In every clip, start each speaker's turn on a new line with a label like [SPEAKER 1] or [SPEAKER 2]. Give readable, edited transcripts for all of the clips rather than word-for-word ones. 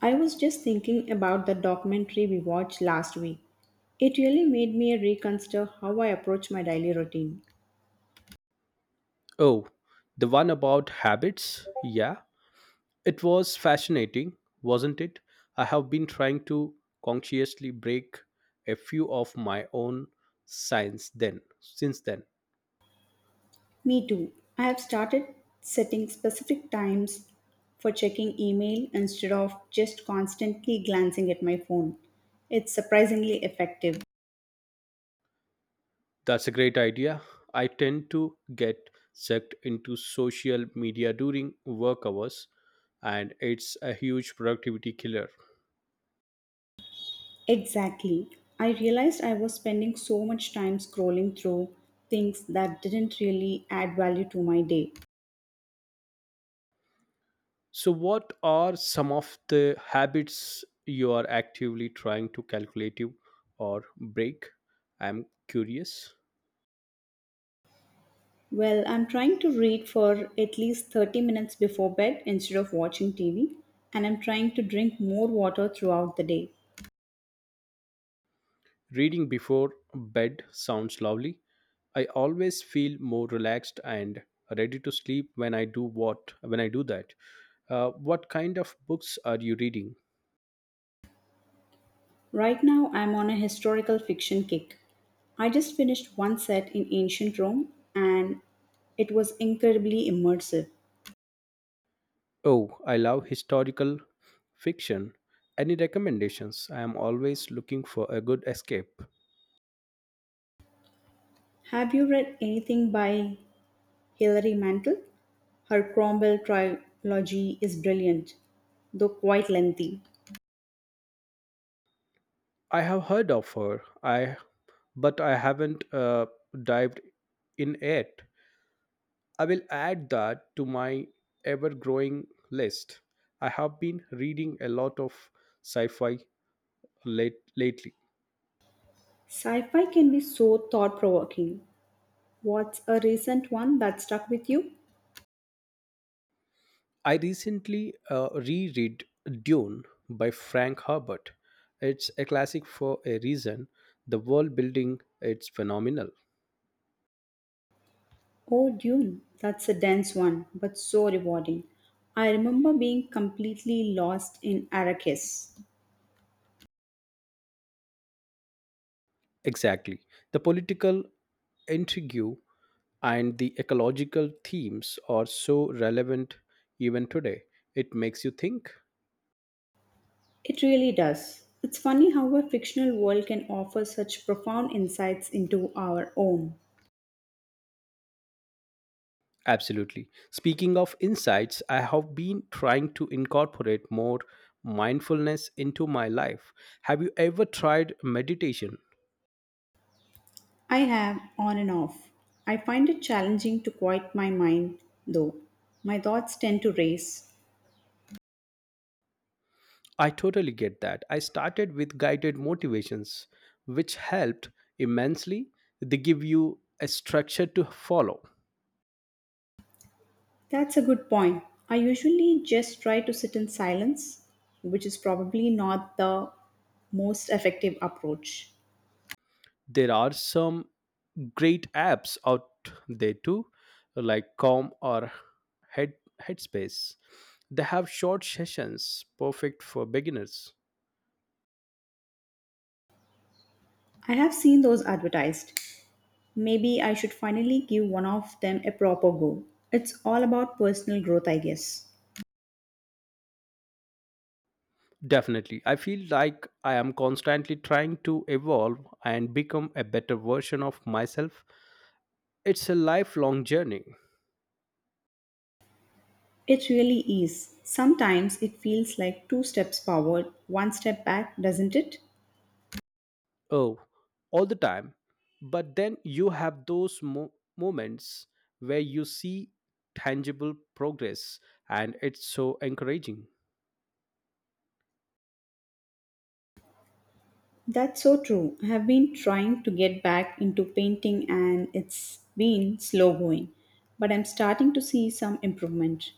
[SPEAKER 1] I was just thinking about the documentary we watched last week. It really made me reconsider how I approach my daily routine.
[SPEAKER 2] Oh, the one about habits? Yeah, it was fascinating, wasn't it? I have been trying to consciously break a few of my own signs then since then.
[SPEAKER 1] Me too. I have started setting specific times for checking email instead of just constantly glancing at my phone. It's surprisingly effective.
[SPEAKER 2] That's a great idea. I tend to get sucked into social media during work hours and it's a huge productivity killer.
[SPEAKER 1] Exactly. I realized I was spending so much time scrolling through things that didn't really add value to my day.
[SPEAKER 2] So, what are some of the habits you are actively trying to calculate you or break? I'm curious.
[SPEAKER 1] Well, I'm trying to read for at least 30 minutes before bed instead of watching TV, and I'm trying to drink more water throughout the day.
[SPEAKER 2] Reading before bed sounds lovely. I always feel more relaxed and ready to sleep when I do what when I do that. What kind of books are you reading?
[SPEAKER 1] Right now, I'm on a historical fiction kick. I just finished one set in ancient Rome, and it was incredibly immersive.
[SPEAKER 2] Oh, I love historical fiction. Any recommendations? I am always looking for a good escape.
[SPEAKER 1] Have you read anything by Hilary Mantel? Her Cromwell trilogy is brilliant, though quite lengthy.
[SPEAKER 2] I have heard of her. I but I haven't dived in yet. I will add that to my ever growing list. I have been reading a lot of sci fi lately.
[SPEAKER 1] Sci fi can be so thought provoking. What's a recent one that stuck with you?
[SPEAKER 2] I recently reread Dune by Frank Herbert. It's a classic for a reason. The world building it's phenomenal.
[SPEAKER 1] Oh, Dune. That's a dense one, but so rewarding. I remember being completely lost in Arrakis.
[SPEAKER 2] Exactly. The political intrigue and the ecological themes are so relevant even today. It makes you think.
[SPEAKER 1] It really does. It's funny how a fictional world can offer such profound insights into our own.
[SPEAKER 2] Absolutely. Speaking of insights, I have been trying to incorporate more mindfulness into my life. Have you ever tried meditation?
[SPEAKER 1] I have on and off. I find it challenging to quiet my mind, though. My thoughts tend to race.
[SPEAKER 2] I totally get that. I started with guided motivations, which helped immensely. They give you a structure to follow.
[SPEAKER 1] That's a good point. I usually just try to sit in silence, which is probably not the most effective approach.
[SPEAKER 2] There are some great apps out there too, like Calm or Head Headspace. They have short sessions, perfect for beginners.
[SPEAKER 1] I have seen those advertised. Maybe I should finally give one of them a proper go. It's all about personal growth, I guess.
[SPEAKER 2] Definitely. I feel like I am constantly trying to evolve and become a better version of myself. It's a lifelong journey.
[SPEAKER 1] It really is. Sometimes it feels like two steps forward, one step back, doesn't it?
[SPEAKER 2] Oh, all the time. But then you have those moments where you see tangible progress, and it's so encouraging.
[SPEAKER 1] That's so true. I have been trying to get back into painting and it's been slow going, but I'm starting to see some improvement.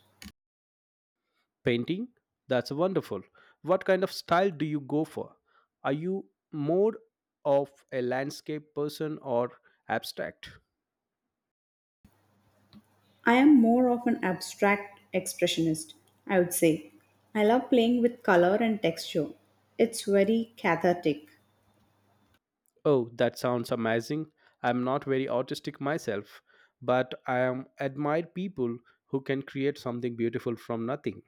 [SPEAKER 2] Painting? That's wonderful. What kind of style do you go for? Are you more of a landscape person or abstract?
[SPEAKER 1] I am more of an abstract expressionist, I would say. I love playing with color and texture. It's very cathartic.
[SPEAKER 2] Oh, that sounds amazing. I'm not very artistic myself, but I am admire people who can create something beautiful from nothing.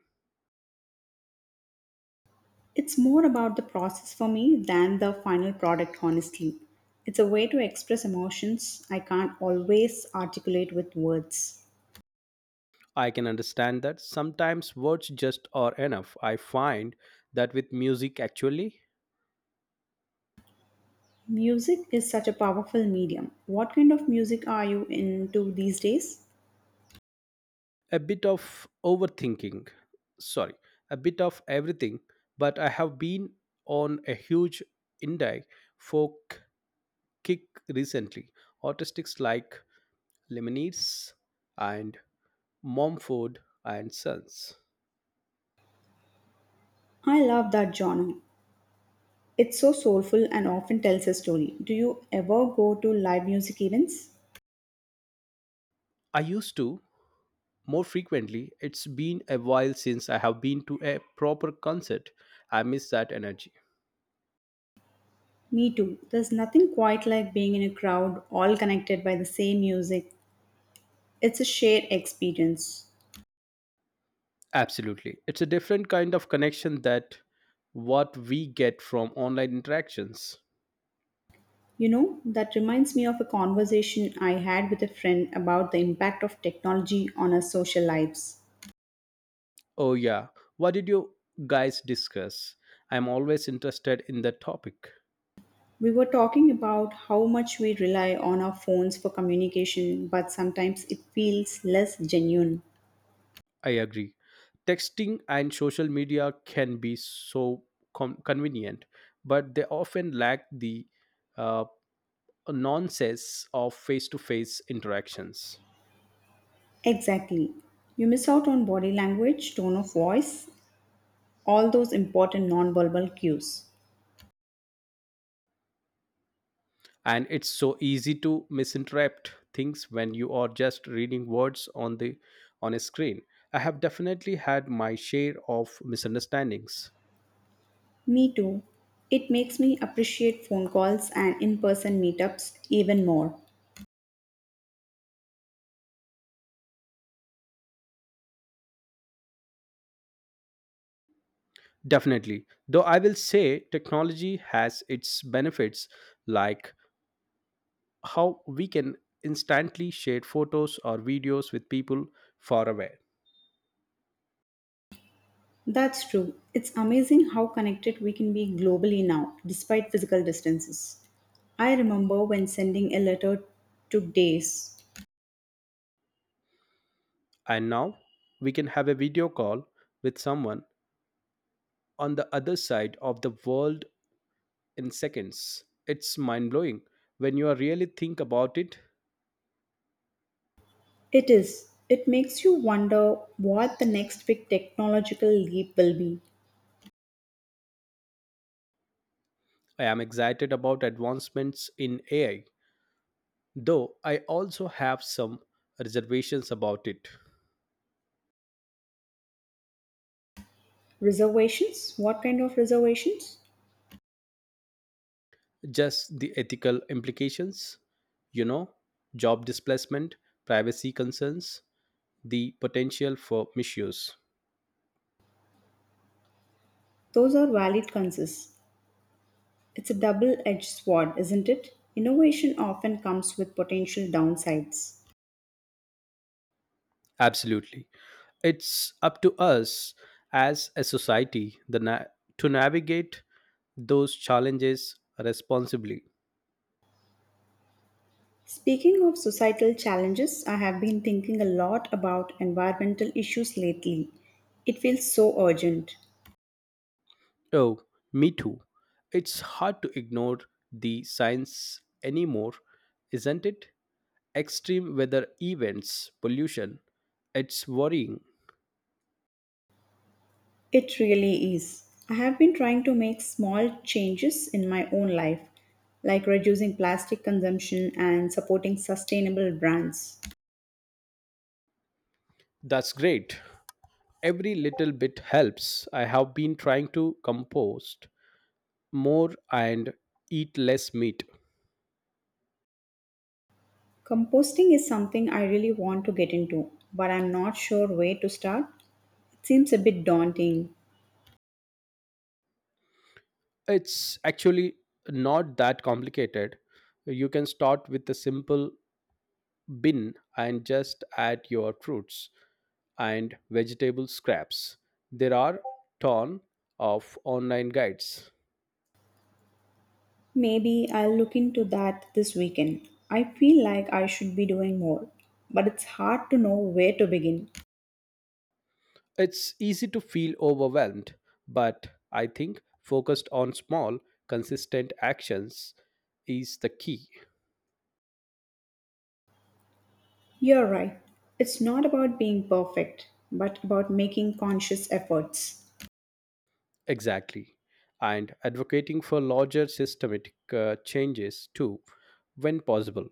[SPEAKER 1] It's more about the process for me than the final product, honestly. It's a way to express emotions I can't always articulate with words.
[SPEAKER 2] I can understand that sometimes words just are enough. I find that with music actually
[SPEAKER 1] Music is such a powerful medium. What kind of music are you into these days?
[SPEAKER 2] a bit of overthinking, sorry, a bit of everything, but I have been on a huge indie folk kick recently, artists like lemonades and momford and sons.
[SPEAKER 1] I love that genre. It's so soulful and often tells a story. Do you ever go to live music events?
[SPEAKER 2] I used to more frequently. It's been a while since I have been to a proper concert. I miss that energy.
[SPEAKER 1] Me too. There's nothing quite like being in a crowd all connected by the same music. It's a shared experience.
[SPEAKER 2] Absolutely, it's a different kind of connection that what we get from online interactions.
[SPEAKER 1] You know, that reminds me of a conversation I had with a friend about the impact of technology on our social lives.
[SPEAKER 2] Oh, yeah. What did you guys discuss? I'm always interested in the topic.
[SPEAKER 1] We were talking about how much we rely on our phones for communication, but sometimes it feels less genuine.
[SPEAKER 2] I agree. Texting and social media can be so convenient, but they often lack the uh, nonsense of face to face interactions.
[SPEAKER 1] Exactly. You miss out on body language, tone of voice, all those important nonverbal cues.
[SPEAKER 2] And it's so easy to misinterpret things when you are just reading words on the on a screen. I have definitely had my share of misunderstandings.
[SPEAKER 1] Me too. It makes me appreciate phone calls and in person meetups even more.
[SPEAKER 2] Definitely. Though I will say technology has its benefits, like how we can instantly share photos or videos with people far away.
[SPEAKER 1] That's true. It's amazing how connected we can be globally now, despite physical distances. I remember when sending a letter took days.
[SPEAKER 2] And now we can have a video call with someone on the other side of the world in seconds. It's mind blowing. When you really think about it,
[SPEAKER 1] It is. It makes you wonder what the next big technological leap will be.
[SPEAKER 2] I am excited about advancements in AI, though I also have some reservations about it.
[SPEAKER 1] Reservations? What kind of reservations?
[SPEAKER 2] Just the ethical implications, you know, job displacement, privacy concerns, the potential for misuse.
[SPEAKER 1] Those are valid concerns. It's a double edged sword, isn't it? Innovation often comes with potential downsides.
[SPEAKER 2] Absolutely. It's up to us as a society to navigate those challenges responsibly.
[SPEAKER 1] Speaking of societal challenges, I have been thinking a lot about environmental issues lately. It feels so urgent.
[SPEAKER 2] Oh, me too. It's hard to ignore the science anymore, isn't it? Extreme weather events, pollution, it's worrying.
[SPEAKER 1] It really is. I have been trying to make small changes in my own life, like reducing plastic consumption and supporting sustainable brands.
[SPEAKER 2] That's great. Every little bit helps. I have been trying to compost more and eat less meat.
[SPEAKER 1] Composting is something I really want to get into, but I'm not sure where to start. It seems a bit daunting.
[SPEAKER 2] It's actually not that complicated. You can start with a simple bin and just add your fruits and vegetable scraps. There are ton of online guides.
[SPEAKER 1] Maybe I'll look into that this weekend. I feel like I should be doing more, but it's hard to know where to begin.
[SPEAKER 2] It's easy to feel overwhelmed, but I think focused on small, consistent actions is the key.
[SPEAKER 1] You're right. It's not about being perfect, but about making conscious efforts.
[SPEAKER 2] Exactly. And advocating for larger systematic changes too, when possible.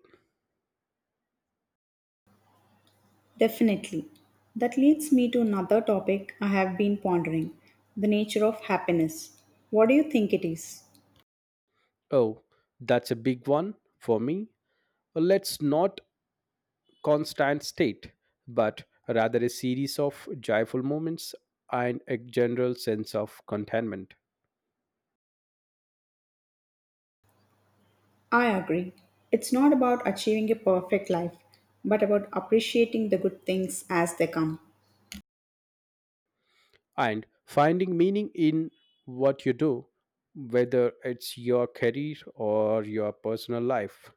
[SPEAKER 1] Definitely. That leads me to another topic I have been pondering, the nature of happiness. What do you think it is?
[SPEAKER 2] Oh, that's a big one for me. Let's not constant state, but rather a series of joyful moments and a general sense of contentment.
[SPEAKER 1] I agree. It's not about achieving a perfect life, but about appreciating the good things as they come.
[SPEAKER 2] And finding meaning in what you do, whether it's your career or your personal life.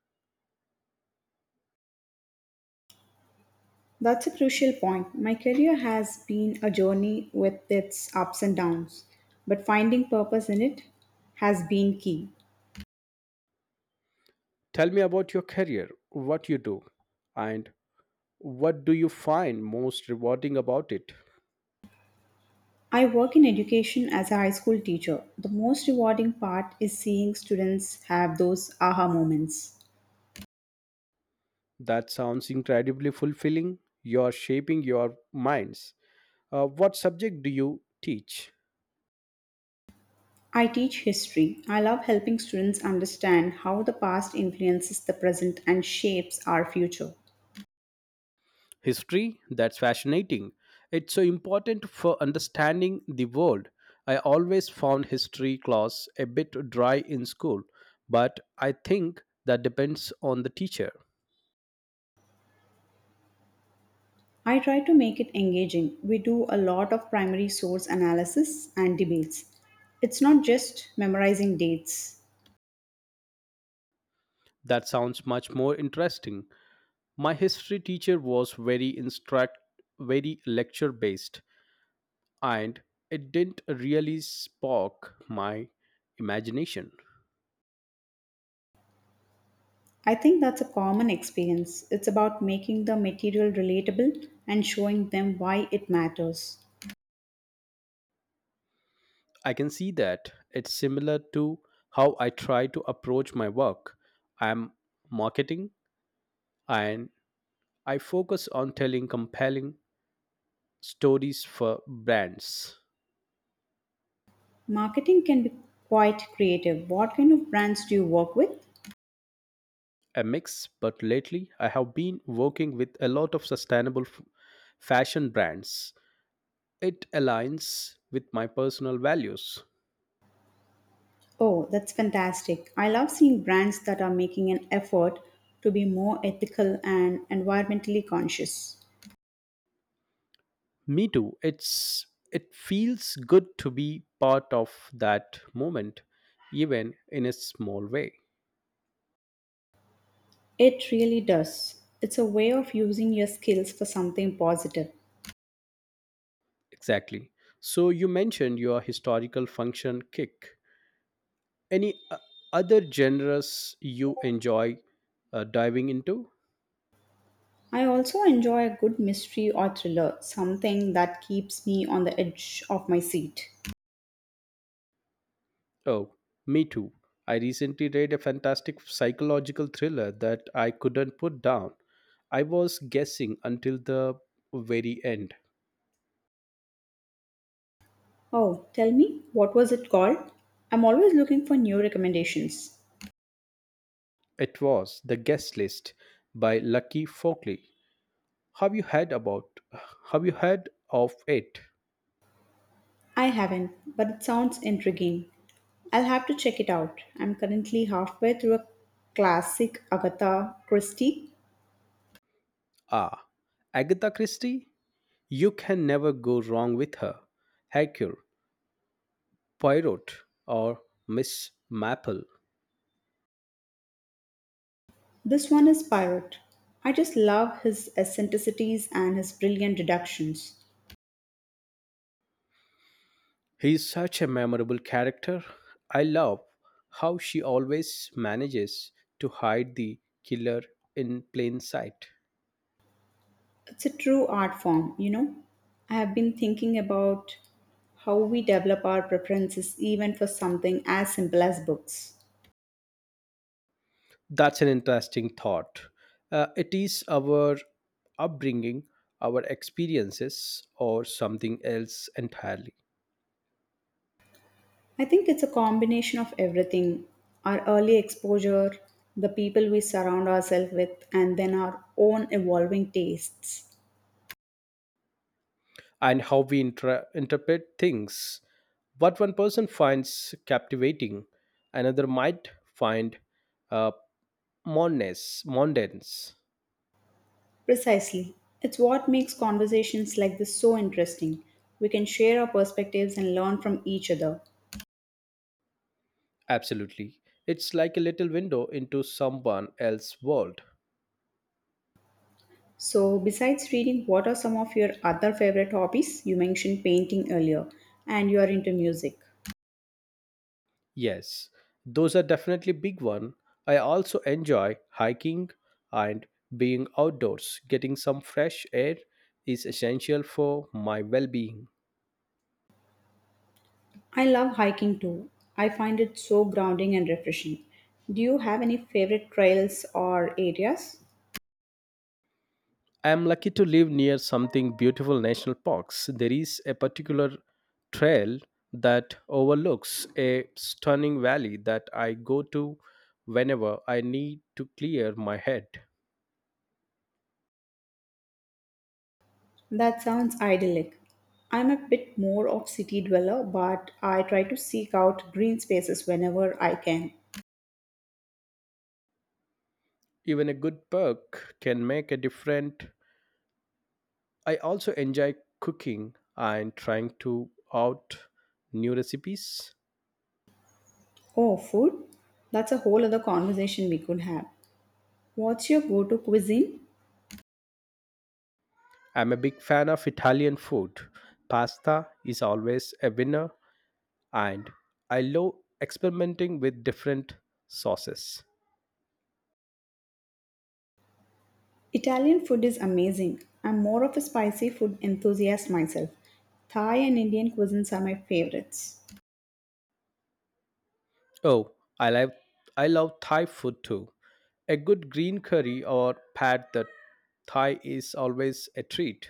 [SPEAKER 1] That's a crucial point. My career has been a journey with its ups and downs, but finding purpose in it has been key.
[SPEAKER 2] Tell me about your career, what you do, and what do you find most rewarding about it?
[SPEAKER 1] I work in education as a high school teacher. The most rewarding part is seeing students have those aha moments.
[SPEAKER 2] That sounds incredibly fulfilling. You are shaping your minds. What subject do you teach?
[SPEAKER 1] I teach history. I love helping students understand how the past influences the present and shapes our future.
[SPEAKER 2] History? That's fascinating. It's so important for understanding the world. I always found history class a bit dry in school, but I think that depends on the teacher.
[SPEAKER 1] I try to make it engaging. We do a lot of primary source analysis and debates. It's not just memorizing dates.
[SPEAKER 2] That sounds much more interesting. My history teacher was very instruct very lecture based, and it didn't really spark my imagination.
[SPEAKER 1] I think that's a common experience. It's about making the material relatable and showing them why it matters.
[SPEAKER 2] I can see that it's similar to how I try to approach my work. I'm marketing and I focus on telling compelling stories for brands.
[SPEAKER 1] Marketing can be quite creative. What kind of brands do you work with?
[SPEAKER 2] A mix, but lately I have been working with a lot of sustainable fashion brands. It aligns with my personal values.
[SPEAKER 1] Oh, that's fantastic. I love seeing brands that are making an effort to be more ethical and environmentally conscious.
[SPEAKER 2] Me too. It feels good to be part of that moment, even in a small way.
[SPEAKER 1] It really does. It's a way of using your skills for something positive.
[SPEAKER 2] Exactly. So you mentioned your historical function kick. Any other genres you enjoy diving into?
[SPEAKER 1] I also enjoy a good mystery or thriller, something that keeps me on the edge of my seat.
[SPEAKER 2] Oh, me too. I recently read a fantastic psychological thriller that I couldn't put down. I was guessing until the very end.
[SPEAKER 1] Oh, tell me, what was it called? I'm always looking for new recommendations.
[SPEAKER 2] It was The Guest List by Lucky Folkley. Have you heard about, have you heard of it?
[SPEAKER 1] I haven't, but it sounds intriguing. I'll have to check it out. I'm currently halfway through a classic Agatha Christie.
[SPEAKER 2] Ah, Agatha Christie? You can never go wrong with her. Hercule, Poirot, or Miss Maple.
[SPEAKER 1] This one is Pirate. I just love his eccentricities and his brilliant deductions.
[SPEAKER 2] He's such a memorable character. I love how she always manages to hide the killer in plain sight.
[SPEAKER 1] It's a true art form, you know. I have been thinking about how we develop our preferences even for something as simple as books.
[SPEAKER 2] That's an interesting thought. It is our upbringing, our experiences, or something else entirely?
[SPEAKER 1] I think it's a combination of everything, our early exposure, the people we surround ourselves with, and then our own evolving tastes.
[SPEAKER 2] And how we interpret things. What one person finds captivating, another might find uh, monotonous. Mondanes.
[SPEAKER 1] Precisely. It's what makes conversations like this so interesting. We can share our perspectives and learn from each other.
[SPEAKER 2] Absolutely. It's like a little window into someone else's world.
[SPEAKER 1] So, besides reading, what are some of your other favorite hobbies? You mentioned painting earlier, and you are into music.
[SPEAKER 2] Yes, those are definitely big one. I also enjoy hiking and being outdoors. Getting some fresh air is essential for my well-being.
[SPEAKER 1] I love hiking too. I find it so grounding and refreshing. Do you have any favorite trails or areas?
[SPEAKER 2] I'm lucky to live near something beautiful national parks. There is a particular trail that overlooks a stunning valley that I go to whenever I need to clear my head.
[SPEAKER 1] That sounds idyllic. I'm a bit more of city dweller, but I try to seek out green spaces whenever I can.
[SPEAKER 2] Even a good perk can make a difference. I also enjoy cooking and trying to out new recipes.
[SPEAKER 1] Oh, food? That's a whole other conversation we could have. What's your go-to cuisine?
[SPEAKER 2] I'm a big fan of Italian food. Pasta is always a winner and I love experimenting with different sauces.
[SPEAKER 1] Italian food is amazing. I'm more of a spicy food enthusiast myself. Thai and Indian cuisines are my favorites.
[SPEAKER 2] Oh, I love I love Thai food too. A good green curry or pad that Thai is always a treat.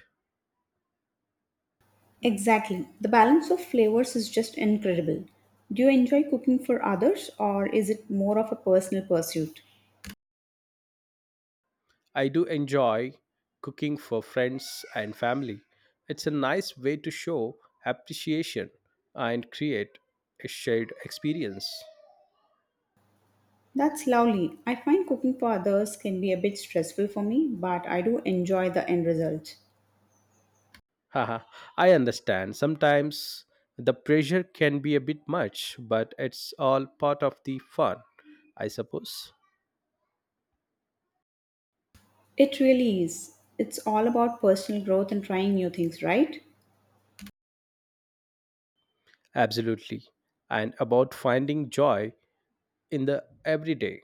[SPEAKER 1] Exactly. The balance of flavors is just incredible. Do you enjoy cooking for others or is it more of a personal pursuit?
[SPEAKER 2] I do enjoy cooking for friends and family. It's a nice way to show appreciation and create a shared experience.
[SPEAKER 1] That's lovely. I find cooking for others can be a bit stressful for me, but I do enjoy the end result.
[SPEAKER 2] Haha, I understand. Sometimes the pressure can be a bit much, but it's all part of the fun, I suppose.
[SPEAKER 1] It really is. It's all about personal growth and trying new things, right?
[SPEAKER 2] Absolutely. And about finding joy in the everyday.